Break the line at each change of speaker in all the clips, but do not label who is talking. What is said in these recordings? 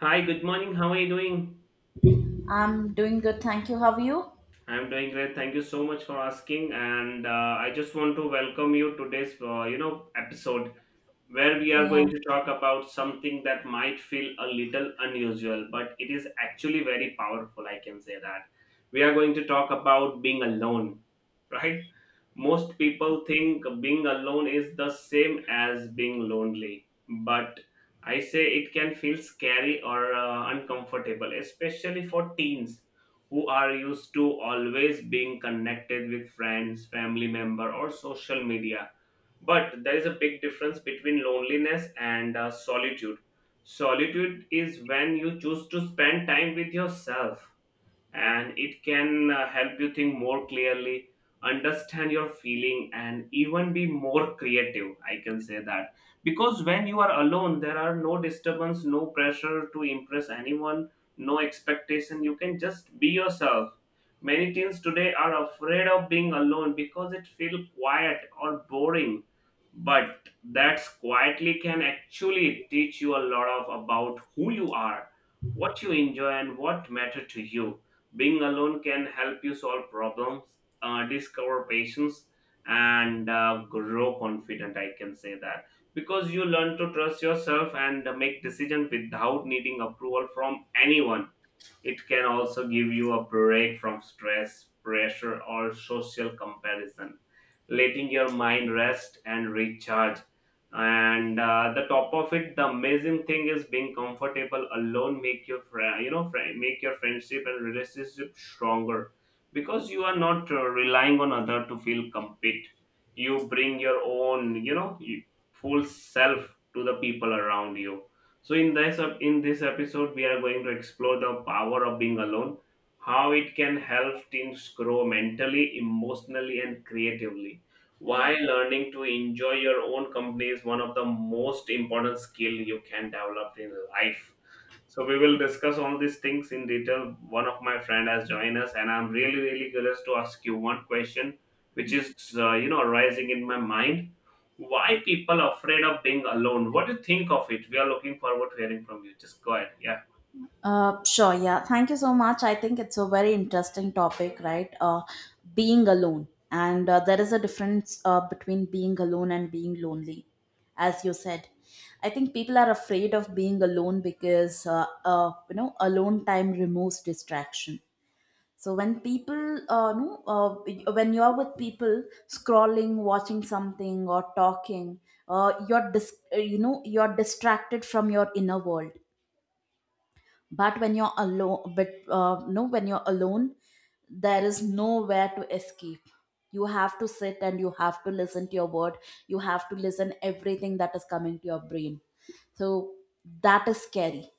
Hi, good morning. How are you doing?
I'm doing good, thank you. How are you?
I'm doing great. Thank you so much for asking. And I just want to welcome you to today's episode where we are
Yeah.
going to talk about something that might feel a little unusual, but it is actually very powerful. I can say that we are going to talk about being alone, right? Most people think being alone is the same as being lonely, but I say it can feel scary or uncomfortable, especially for teens who are used to always being connected with friends, family member, or social media. But there is a big difference between loneliness and solitude. Solitude is when you choose to spend time with yourself, and it can help you think more clearly, understand your feeling, and even be more creative, I can say that, because when you are alone, there are no disturbance, no pressure to impress anyone, no expectation. You can just be yourself. Many teens today are afraid of being alone because it feels quiet or boring, but that's quietly can actually teach you a lot of about who you are, what you enjoy, and what matter to you. Being alone can help you solve problems, discover patience, and grow confident, I can say that, because you learn to trust yourself and make decisions without needing approval from anyone. It can also give you a break from stress, pressure, or social comparison, letting your mind rest and recharge. And The top of it, the amazing thing is being comfortable alone make your friend, you know, friend, make your friendship and relationship stronger because you are not relying on other to feel complete. You bring your own, full self to the people around you. So in this episode, we are going to explore the power of being alone, how it can help teens grow mentally, emotionally, and creatively, why learning to enjoy your own company is one of the most important skill you can develop in life. So we will discuss all these things in detail. One of my friend has joined us, and I'm really, really curious to ask you one question, which is, arising in my mind. Why people afraid of being alone? What do you think of it? We are looking forward to hearing from you. Just go ahead. Yeah.
Sure, yeah. Thank you so much. I think it's a very interesting topic, right? Being alone. And there is a difference between being alone and being lonely, as you said. I think people are afraid of being alone because, you know, alone time removes distraction. So when people, no, when you are with people scrolling, watching something or talking, you're you know you're distracted from your inner world. But when you're alone, but no, when you're alone, there is nowhere to escape. You have to sit and you have to listen to your word. You have to listen everything that is coming to your brain. So that is scary,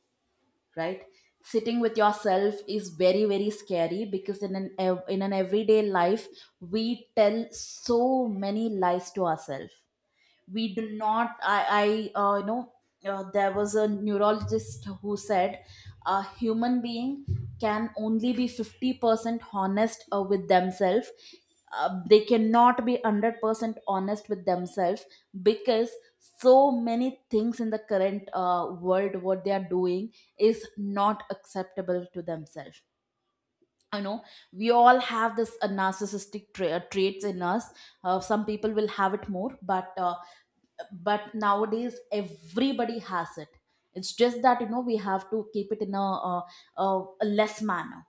right? Sitting with yourself is very, very scary because in an everyday life we tell so many lies to ourselves. We do not I I you know There was a neurologist who said a human being can only be 50% honest with themselves. They cannot be 100% honest with themselves because so many things in the current world what they are doing is not acceptable to themselves, you know. We all have this narcissistic traits in us. Some people will have it more, but nowadays everybody has it. It's just that, you know, we have to keep it in a less manner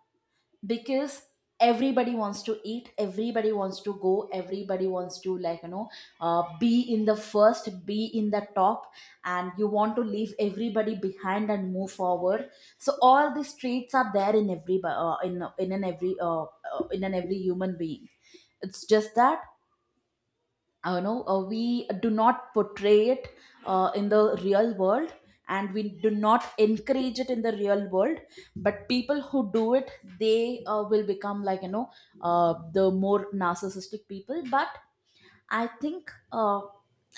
because everybody wants to eat, everybody wants to go, everybody wants to, like, you know, be in the first, be in the top, and you want to leave everybody behind and move forward. So all these traits are there in every in an every human being. It's just that, uh, you know, we do not portray it in the real world, and we do not encourage it in the real world. But people who do it, they will become, like, you know, the more narcissistic people. But I think, uh,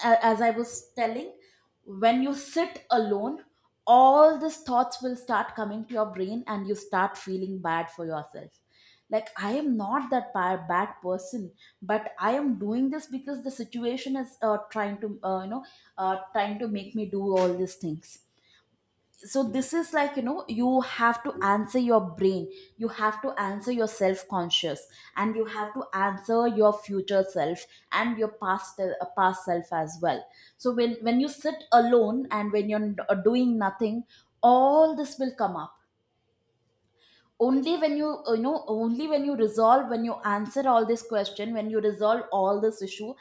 a- as I was telling, when you sit alone, all these thoughts will start coming to your brain and you start feeling bad for yourself. Like, I am not that bad person, but I am doing this because the situation is trying to, you know, trying to make me do all these things. So this is, like, you know, you have to answer your brain, you have to answer your self conscious, and you have to answer your future self, and your past past self as well. So when you sit alone and when you're doing nothing, all this will come up. Only when you you know, only when you resolve, when you answer all this question, when you resolve all this issue,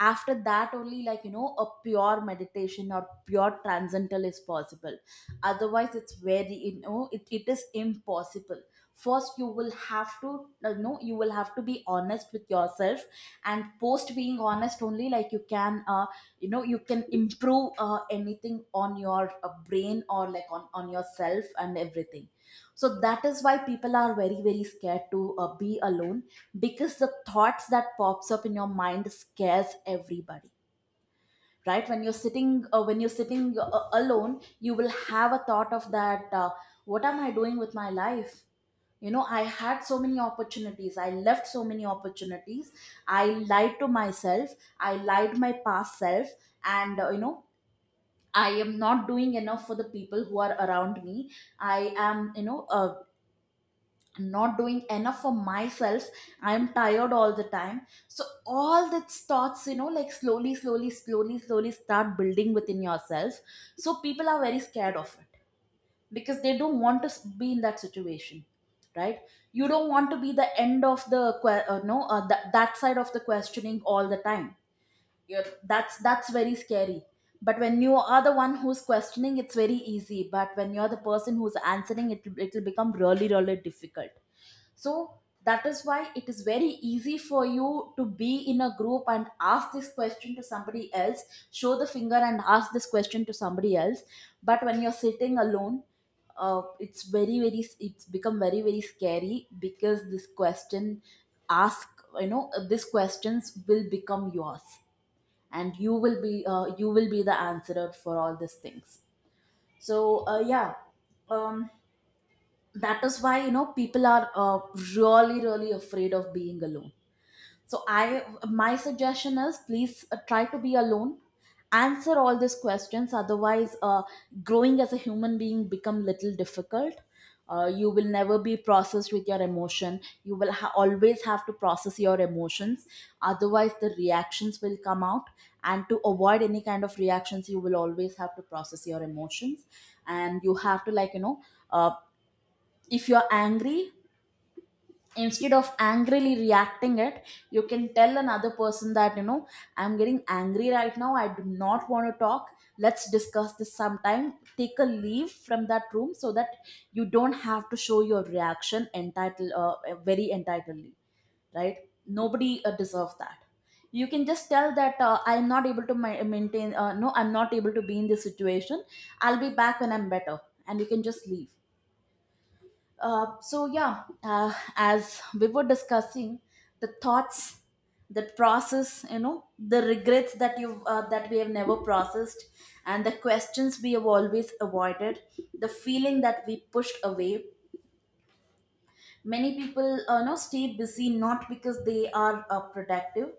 after that only, like, you know, a pure meditation or pure transcendental is possible. Otherwise it's very, you know, it is impossible. First you will have to, you know, you will have to be honest with yourself, and post being honest only, like, you can, you know, you can improve anything on your brain, or like on yourself and everything. So that is why people are very, very scared to be alone, because the thoughts that pops up in your mind scares everybody, right? When you're sitting alone, you will have a thought of that, what am I doing with my life? You know, I had so many opportunities, I left so many opportunities. I lied to myself, I lied my past self, and, you know, I am not doing enough for the people who are around me. I am, you know, not doing enough for myself. I'm tired all the time. So all that thoughts, you know, like, slowly start building within yourself. So people are very scared of it because they don't want to be in that situation, right? You don't want to be the end of the que- no that that side of the questioning all the time. You That's very scary. But when you are the one who's questioning, it's very easy, but when you're the person who's answering it, it will become really, really difficult. So that is why it is very easy for you to be in a group and ask this question to somebody else, show the finger and ask this question to somebody else. But when you're sitting alone, it's very very it's become very, very scary because this question ask you know, these questions will become yours, and you will be the answerer for all these things. So um, that is why, you know, people are, really, really afraid of being alone. So I, my suggestion is, please, try to be alone. Answer all these questions. Otherwise, growing as a human being become little difficult. You will never be processed with your emotion. You will always have to process your emotions. Otherwise, the reactions will come out. And to avoid any kind of reactions, you will always have to process your emotions. And you have to, like, you know, uh, if you're angry, instead of angrily reacting it, you can tell another person that, you know, I'm getting angry right now, I do not want to talk. Let's discuss this sometime. Take a leave from that room so that you don't have to show your reaction entitled, very entitledly, right? Nobody deserves that. You can just tell that, I'm not able to maintain, I'm not able to be in this situation. I'll be back when I'm better, and you can just leave. So yeah, as we were discussing, the thoughts, the process, you know, the regrets that you that we have never processed, and the questions we have always avoided, the feeling that we pushed away. Many people, you know, stay busy not because they are productive,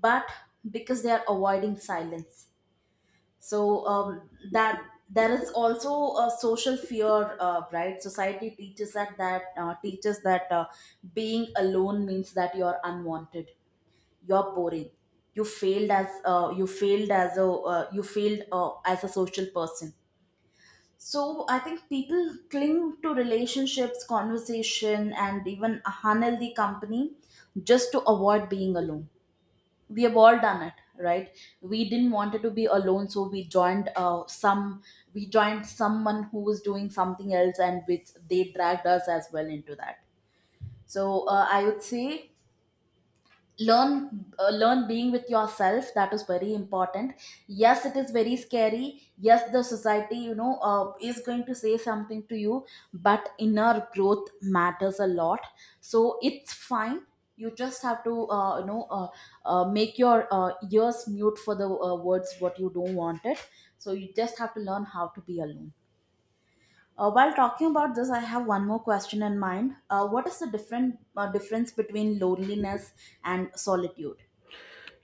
but because they are avoiding silence. So that there is also a social fear, right? Society teaches that being alone means that you're unwanted, you're boring, you failed as you failed as a social person. So I think people cling to relationships, conversation, and even unhealthy company just to avoid being alone. We have all done it, right? We didn't want it to be alone, so we joined some we joined someone who was doing something else, and which they dragged us as well into that. So, I would say, learn being with yourself. That is very important. Yes, it is very scary. Yes, the society, you know, is going to say something to you, but inner growth matters a lot. So it's fine. You just have to, uh, you know, make your ears mute for the words what you don't want it. So you just have to learn how to be alone. While talking about this, I have one more question in mind. What is the different difference between loneliness and solitude?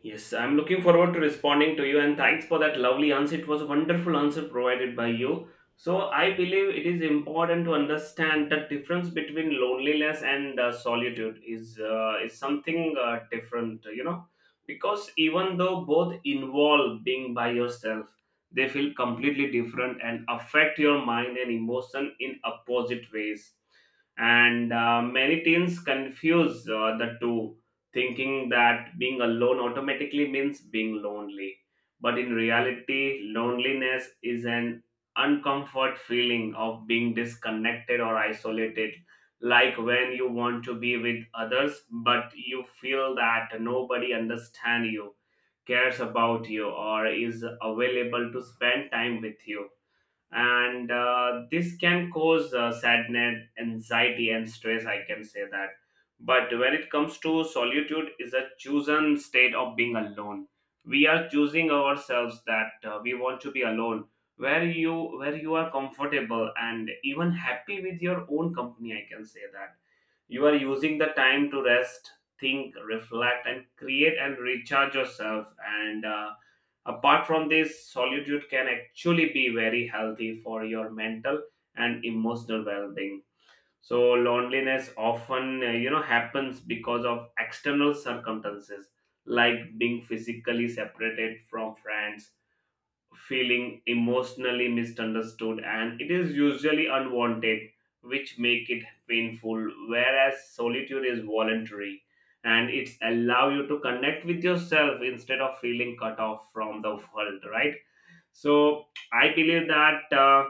Yes, I'm looking forward to responding to you, and thanks for that lovely answer. It was a wonderful answer provided by you. So, I believe it is important to understand the difference between loneliness and solitude is something different, you know, because even though both involve being by yourself, they feel completely different and affect your mind and emotion in opposite ways. And many teens confuse the two, thinking that being alone automatically means being lonely. But in reality, loneliness is an uncomfort feeling of being disconnected or isolated, like when you want to be with others, but you feel that nobody understands you, cares about you, or is available to spend time with you, and this can cause sadness, anxiety, and stress, I can say that. But when it comes to solitude, is a chosen state of being alone. We are choosing ourselves that we want to be alone, where you where you are comfortable and even happy with your own company, I can say that. You are using the time to rest, think, reflect, and create and recharge yourself. And Apart from this, solitude can actually be very healthy for your mental and emotional well-being. So loneliness often, happens because of external circumstances like being physically separated from friends, feeling emotionally misunderstood, and it is usually unwanted, which make it painful, whereas solitude is voluntary and it's allow you to connect with yourself instead of feeling cut off from the world, right? So I believe that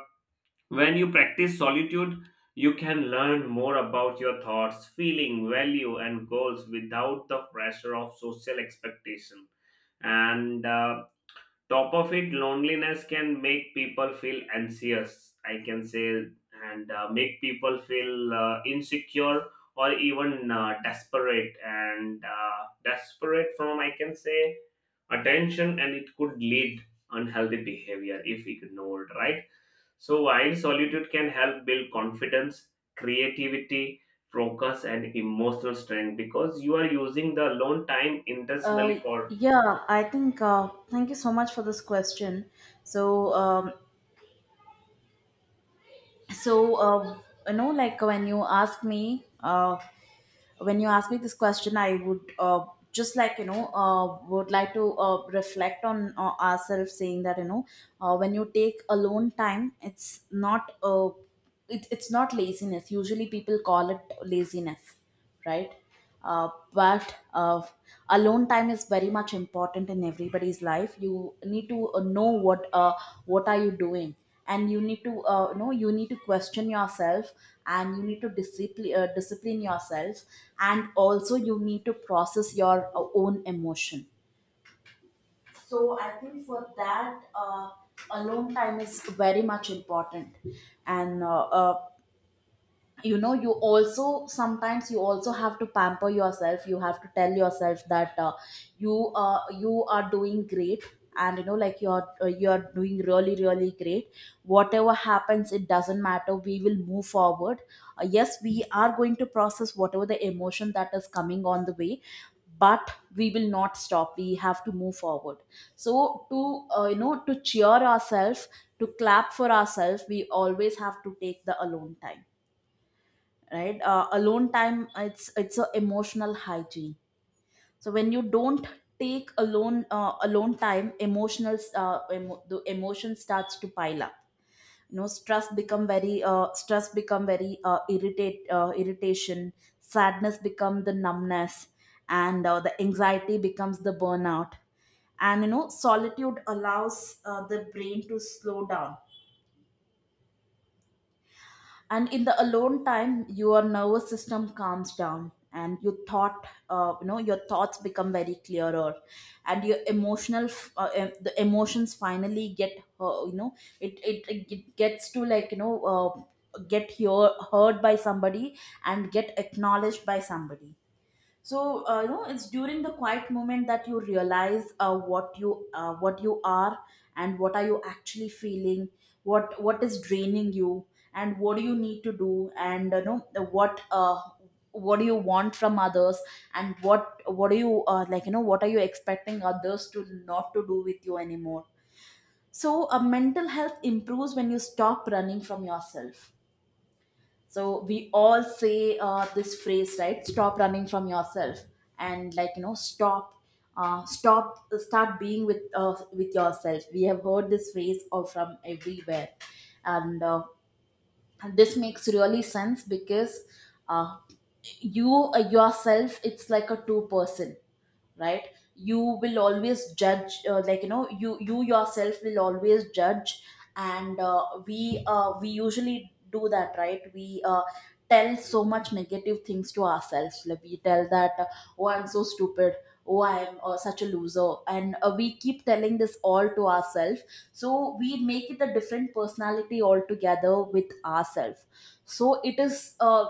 when you practice solitude, you can learn more about your thoughts, feeling, value, and goals without the pressure of social expectation. And Top of it, loneliness can make people feel anxious, I can say, and make people feel insecure or even desperate. And desperate from, I can say, attention, and it could lead unhealthy behavior if ignored, right? So, while solitude can help build confidence, creativity, focus, and emotional strength because you are using the alone time intentionally
Uh,
for.
yeah, I think, thank you so much for this question. So, so uh, you know, like when you ask me this question, I would, just, like, you know, would like to reflect on ourselves, saying that, you know, when you take alone time, it's not it, it's not laziness. Usually, people call it laziness, right? But alone time is very much important in everybody's life. You need to know what are you doing, and you need to know, you need to question yourself, and you need to discipline discipline yourself, and also you need to process your own emotion. So I think for that alone time is very much important. And uh, uh, you know you also, sometimes you also have to pamper yourself. You have to tell yourself that you you are doing great, and you know, like you're doing really really great. Whatever happens, it doesn't matter, we will move forward. Yes, we are going to process whatever the emotion that is coming on the way, but we will not stop, we have to move forward. So to you know, to cheer ourselves, to clap for ourselves, we always have to take the alone time, right? Alone time, it's a emotional hygiene. So when you don't take alone alone time, emotional the emotion starts to pile up. You know, stress become very irritate irritation, sadness become the numbness, and the anxiety becomes the burnout. And you know, solitude allows the brain to slow down, and in the alone time your nervous system calms down and you thought you know, your thoughts become very clearer, and your the emotions finally get you know, it it gets to, like you know heard by somebody and get acknowledged by somebody. So you know, it's during the quiet moment that you realize what you are and what are you actually feeling, what is draining you, and what do you need to do. And you know, what uh, what do you want from others, and what do you like you know, what are you expecting others to not to do with you anymore. So mental health improves when you stop running from yourself. So we all say this phrase, right? Stop running from yourself, and like you know, stop stop, start being with yourself. We have heard this phrase or from everywhere. And This makes really sense because uh, you yourself, it's like a two person, right? You will always judge like you know, you yourself will always judge. And we usually do that, right? We tell so much negative things to ourselves, like we tell that oh, I'm so stupid, oh I'm such a loser, and we keep telling this all to ourselves. So we make it a different personality altogether with ourselves. So it is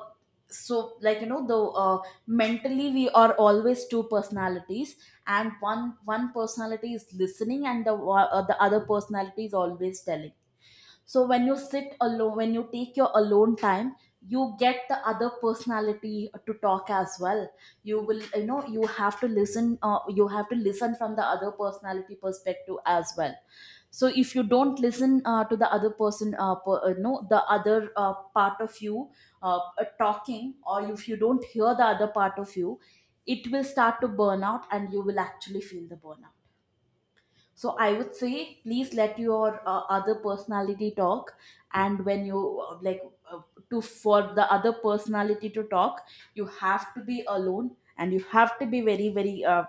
so like you know, the uh, mentally we are always two personalities. And one personality is listening and the the other personality is always telling. So when you sit alone, when you take your alone time, you get the other personality to talk as well. You will, you know, you have to listen you have to listen from the other personality perspective as well. So if you don't listen to the other person per, no the other part of you talking, or if you don't hear the other part of you, it will start to burn out and you will actually feel the burnout. So I would say please let your other personality talk. And when you uh, to, for the other personality to talk, you have to be alone, and you have to be very very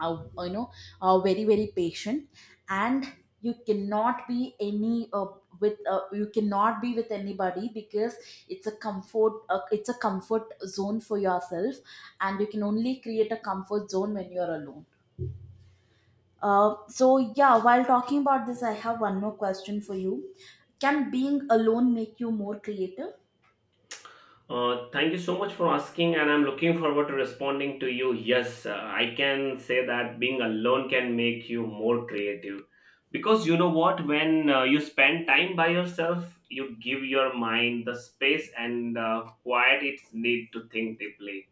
uh, you know very very patient. And you cannot be any with you cannot be with anybody, because it's a comfort zone for yourself, and you can only create a comfort zone when you're alone. So yeah, while talking about this, I have one more question for you. Can being alone make you more creative?
Thank you so much for asking, and I'm looking forward to responding to you. Yes, I can say that being alone can make you more creative because you know what? When you spend time by yourself, you give your mind the space and quiet it need to think deeply.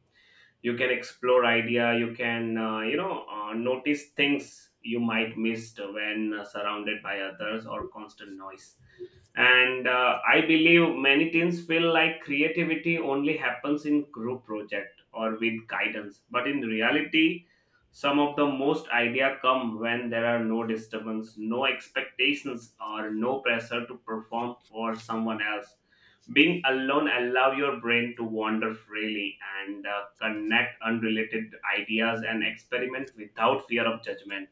You can explore idea, you can notice things you might missed when surrounded by others or constant noise. And I believe many teens feel like creativity only happens in group project or with guidance, but in reality, some of the most idea come when there are no disturbance, no expectations, or no pressure to perform for someone else. Being alone allow your brain to wander freely and connect unrelated ideas and experiment without fear of judgment.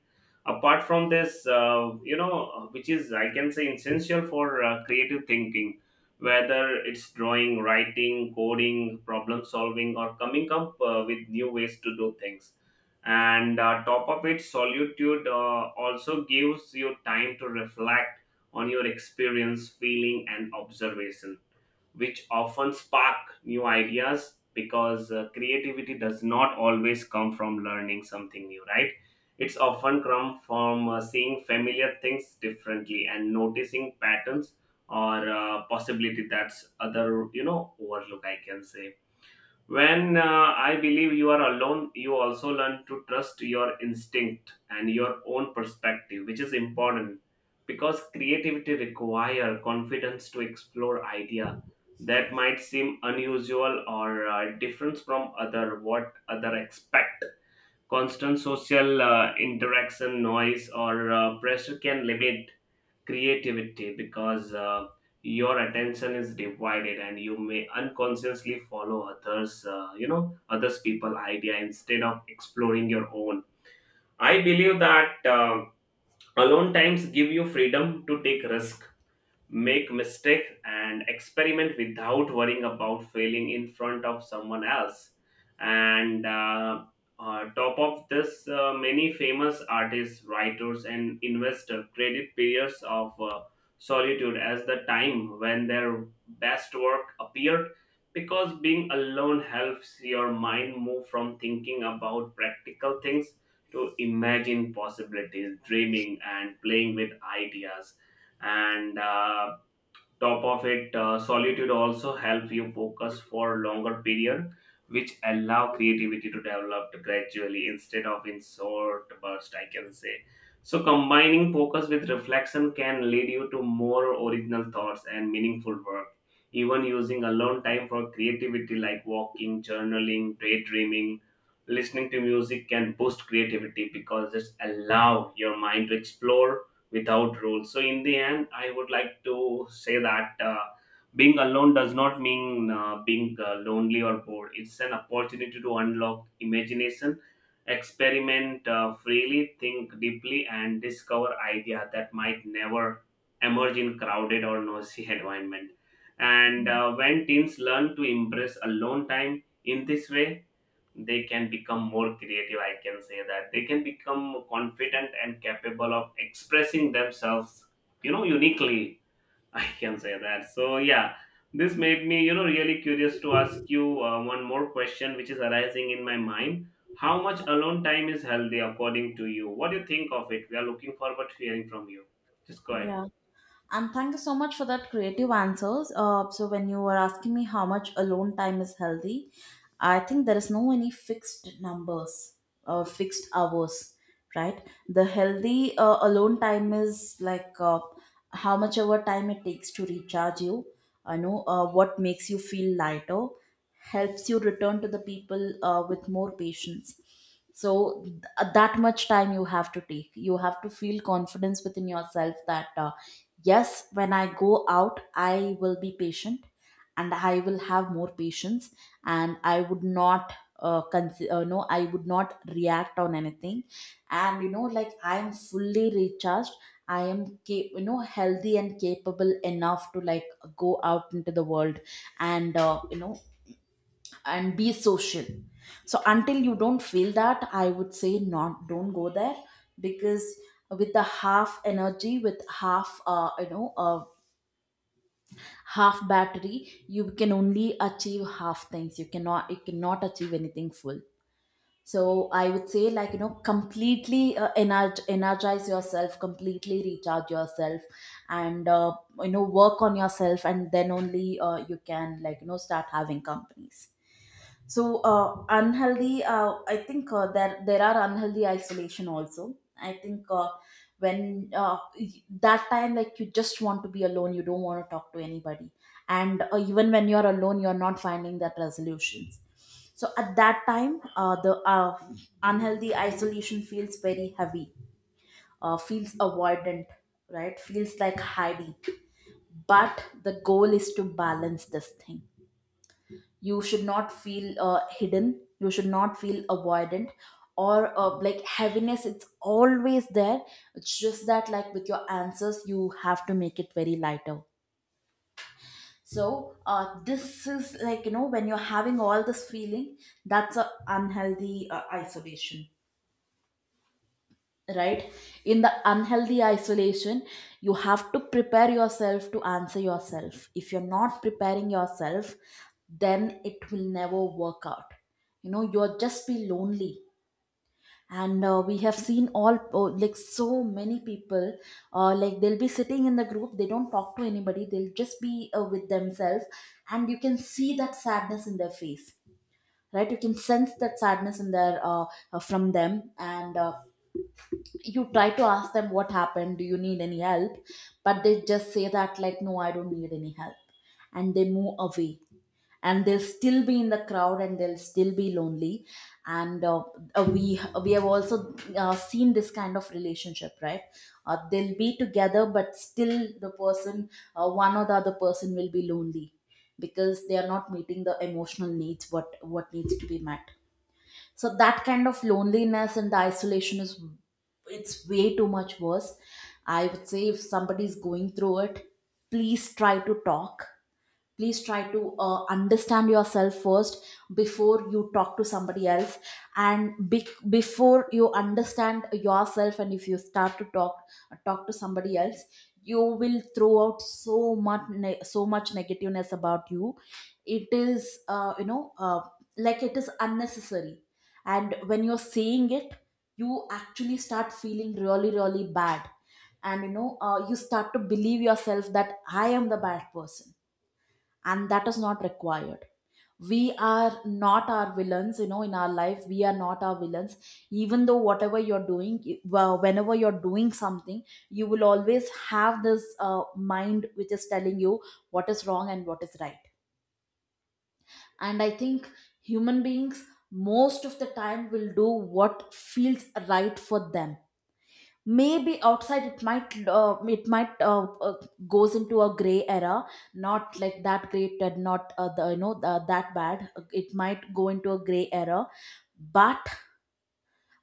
Apart from this, which is I can say essential for creative thinking, whether it's drawing, writing, coding, problem solving, or coming up with new ways to do things. And top of it, solitude also gives you time to reflect on your experience, feeling, and observation, which often spark new ideas, because creativity does not always come from learning something new, right? It's often come from seeing familiar things differently and noticing patterns or possibility that's other, you know, overlook, I can say. When I believe you are alone, you also learn to trust your instinct and your own perspective, which is important because creativity require confidence to explore idea that might seem unusual or different from other what other expect. Constant social interaction, noise, or pressure can limit creativity because your attention is divided, and you may unconsciously follow others, others people idea instead of exploring your own. I believe that alone times give you freedom to take risk, make mistake, and experiment without worrying about failing in front of someone else. And Top of this, many famous artists, writers, and investors credit periods of solitude as the time when their best work appeared, because being alone helps your mind move from thinking about practical things to imagine possibilities, dreaming, and playing with ideas. And Top of it, solitude also help you focus for longer period, which allow creativity to develop gradually instead of in short burst, I can say. So combining focus with reflection can lead you to more original thoughts and meaningful work. Even using alone time for creativity like walking, journaling, daydreaming, listening to music can boost creativity because it allow your mind to explore without rules. So, in the end, I would like to say that being alone does not mean being lonely or bored. It's an opportunity to unlock imagination, experiment freely, think deeply, and discover ideas that might never emerge in crowded or noisy environment. And when teens learn to embrace alone time in this way, they can become more creative, I can say that, they can become confident and capable of expressing themselves, you know, uniquely, I can say that. So yeah, this made me, you know, really curious to ask you one more question which is arising in my mind. How much alone time is healthy according to you? What do you think of it? We are looking forward to hearing from you. Just go ahead.
Yeah. And thank you so much for that creative answers. So when you were asking me how much alone time is healthy, I think there is no any fixed numbers or fixed hours, right? The healthy alone time is like how much ever time it takes to recharge you. I know what makes you feel lighter, helps you return to the people with more patience. So that much time you have to take. You have to feel confidence within yourself that. Yes, when I go out, I will be patient and I will have more patience, and I would not con no, I would not react on anything. And you know, like I am fully recharged. You know, healthy and capable enough to like go out into the world, and you know, and be social. So until you don't feel that, I would say not, don't go there, because with the half energy, with half half battery, you can only achieve half things. You cannot, you cannot achieve anything full. So I would say like you know, completely energize yourself, completely recharge yourself, and you know, work on yourself, and then only you can, like you know, start having companies. So unhealthy. I think there there are unhealthy isolation also. I think when that time, like you just want to be alone, you don't want to talk to anybody, and even when you're alone, you're not finding that resolutions. So at that time, the unhealthy isolation feels very heavy, feels avoidant, right? Feels like hiding. But the goal is to balance this thing. You should not feel hidden, you should not feel avoidant, or like heaviness, it's always there. It's just that like, with your answers, you have to make it very lighter. So this is like, you know, when you're having all this feeling, that's a unhealthy isolation, right? In the unhealthy isolation, you have to prepare yourself to answer yourself. If you're not preparing yourself, then it will never work out. You know, you'll just be lonely. And we have seen all, oh, like, so many people like, they'll be sitting in the group, they don't talk to anybody, they'll just be with themselves. And you can see that sadness in their face, right? You can sense that sadness in their from them. And you try to ask them what happened, do you need any help, but they just say that like, no, I don't need any help, and they move away. And they'll still be in the crowd, and they'll still be lonely. And we have also seen this kind of relationship, right? They'll be together, but still the person, one or the other person will be lonely, because they are not meeting the emotional needs, what needs to be met. So that kind of loneliness and the isolation is, it's way too much worse. I would say, if somebody is going through it, please try to talk, please try to understand yourself first before you talk to somebody else. Before you understand yourself, and if you start to talk, talk to somebody else, you will throw out so much so much negativeness about you. It is like, it is unnecessary. And when you're saying it, you actually start feeling really really bad. And you know you start to believe yourself that I am the bad person, and that is not required. We are not our villains, you know, in our life, we are not our villains. Even though whatever you're doing, well, whenever you're doing something, you will always have this mind which is telling you what is wrong and what is right. And I think human beings most of the time will do what feels right for them. Maybe outside it might goes into a gray era, not like that great and not the, you know the, that bad, it might go into a gray era. but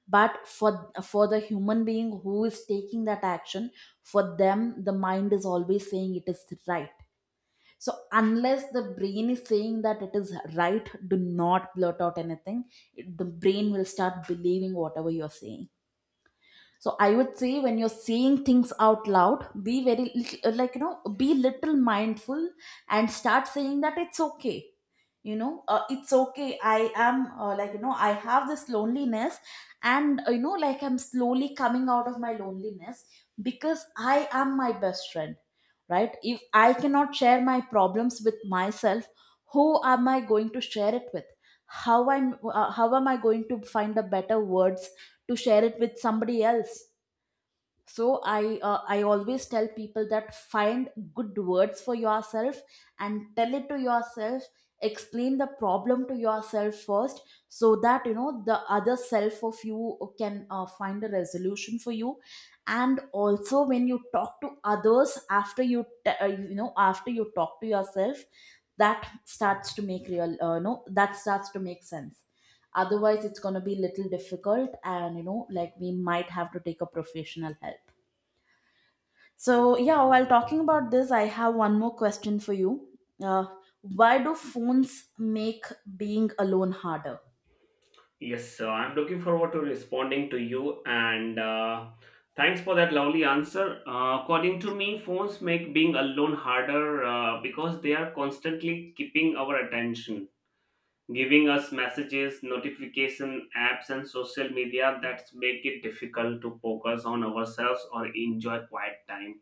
but for the human being who is taking that action, for them the mind is always saying it is right. So unless the brain is saying that it is right, do not blurt out anything. The brain will start believing whatever you're saying. So I would say, when you're saying things out loud, be very like you know, be little mindful, and start saying that it's okay, you know it's okay, I am like, you know, I have this loneliness, and you know, like, I'm slowly coming out of my loneliness, because I am my best friend, right? If I cannot share my problems with myself, who am I going to share it with? How I'm how am I going to find a better words to share it with somebody else? So I, I always tell people that, find good words for yourself and tell it to yourself. Explain the problem to yourself first, so that you know, the other self of you can find a resolution for you. And also, when you talk to others, after you you know, after you talk to yourself, that starts to make real no that starts to make sense. Otherwise it's going to be little difficult, and you know, like, we might have to take a professional help. So yeah, while talking about this, I have one more question for you. uh, why do phones make being alone harder?
Yes, sir. I'm looking forward to responding to you, and thanks for that lovely answer. According to me, phones make being alone harder because they are constantly keeping our attention, giving us messages, notification apps, and social media that make it difficult to focus on ourselves or enjoy quiet time.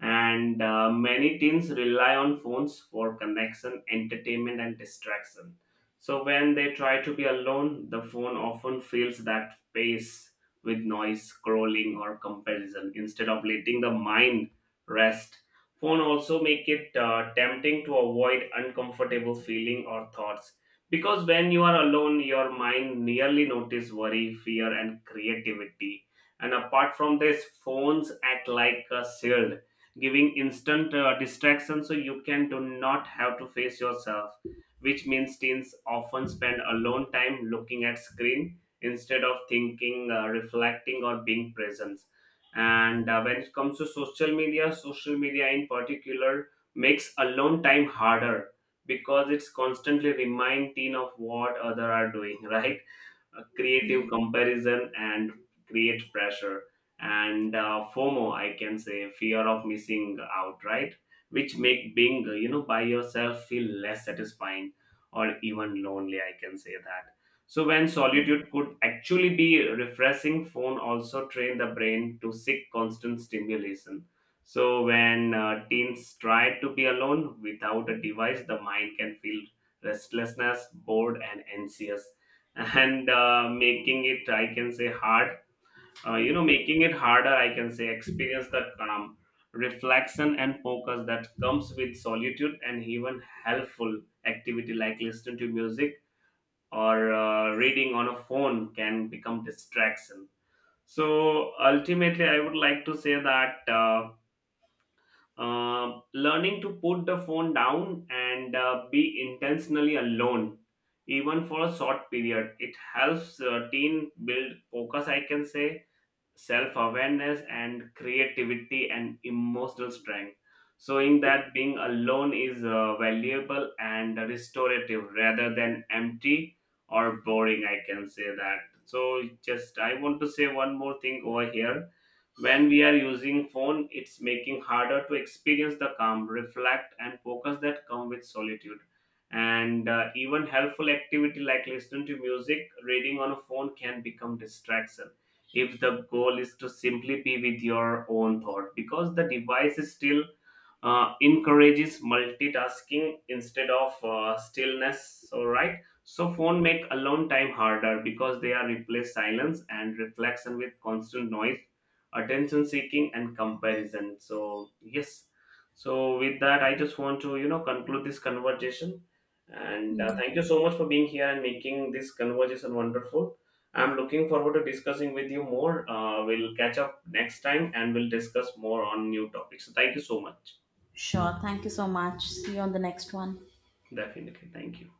And many teens rely on phones for connection, entertainment, and distraction. So when they try to be alone, the phone often fills that space with noise, scrolling, or comparison instead of letting the mind rest. Phone also make it tempting to avoid uncomfortable feeling or thoughts, because when you are alone, your mind nearly notice worry, fear, and creativity. And apart from this, phones act like a shield, giving instant distraction so you can do not have to face yourself, which means teens often spend alone time looking at screen instead of thinking, reflecting, or being present. And when it comes to social media, in particular, makes alone time harder because it's constantly remind teen of what other are doing, right? Uh, creative
Yeah.
comparison and create pressure, and FOMO, I can say, fear of missing out, right? Which make being, by yourself feel less satisfying or even lonely, I can say that. So when solitude could actually be refreshing, phone also train the brain to seek constant stimulation. So when teens try to be alone without a device, the mind can feel restlessness, bored, and anxious, and making it, I can say, hard you know making it harder, I can say, experience the calm, reflection, and focus that comes with solitude. And even helpful activity like listening to music or reading on a phone can become distraction. So ultimately I would like to say that, learning to put the phone down and be intentionally alone, even for a short period, it helps teen build focus, I can say, self awareness and creativity and emotional strength, showing that being alone is valuable and restorative rather than empty or boring, I can say that. So, just I want to say one more thing over here. When we are using phone, it's making harder to experience the calm, reflect, and focus that come with solitude. And even helpful activity like listening to music, reading on a phone can become distraction if the goal is to simply be with your own thought because the device is still encourages multitasking instead of stillness, all right? So phone make alone time harder because they are replace silence and reflection with constant noise, attention seeking, and comparison. So yes, so with that, I just want to, you know, conclude this conversation and
Mm.
thank you so much for being here and making this conversation wonderful. I'm looking forward to discussing with you more. We'll catch up next time and we'll discuss more on new topics. Thank you so much.
Sure, thank you so much, see you on the next one.
Definitely. Thank you.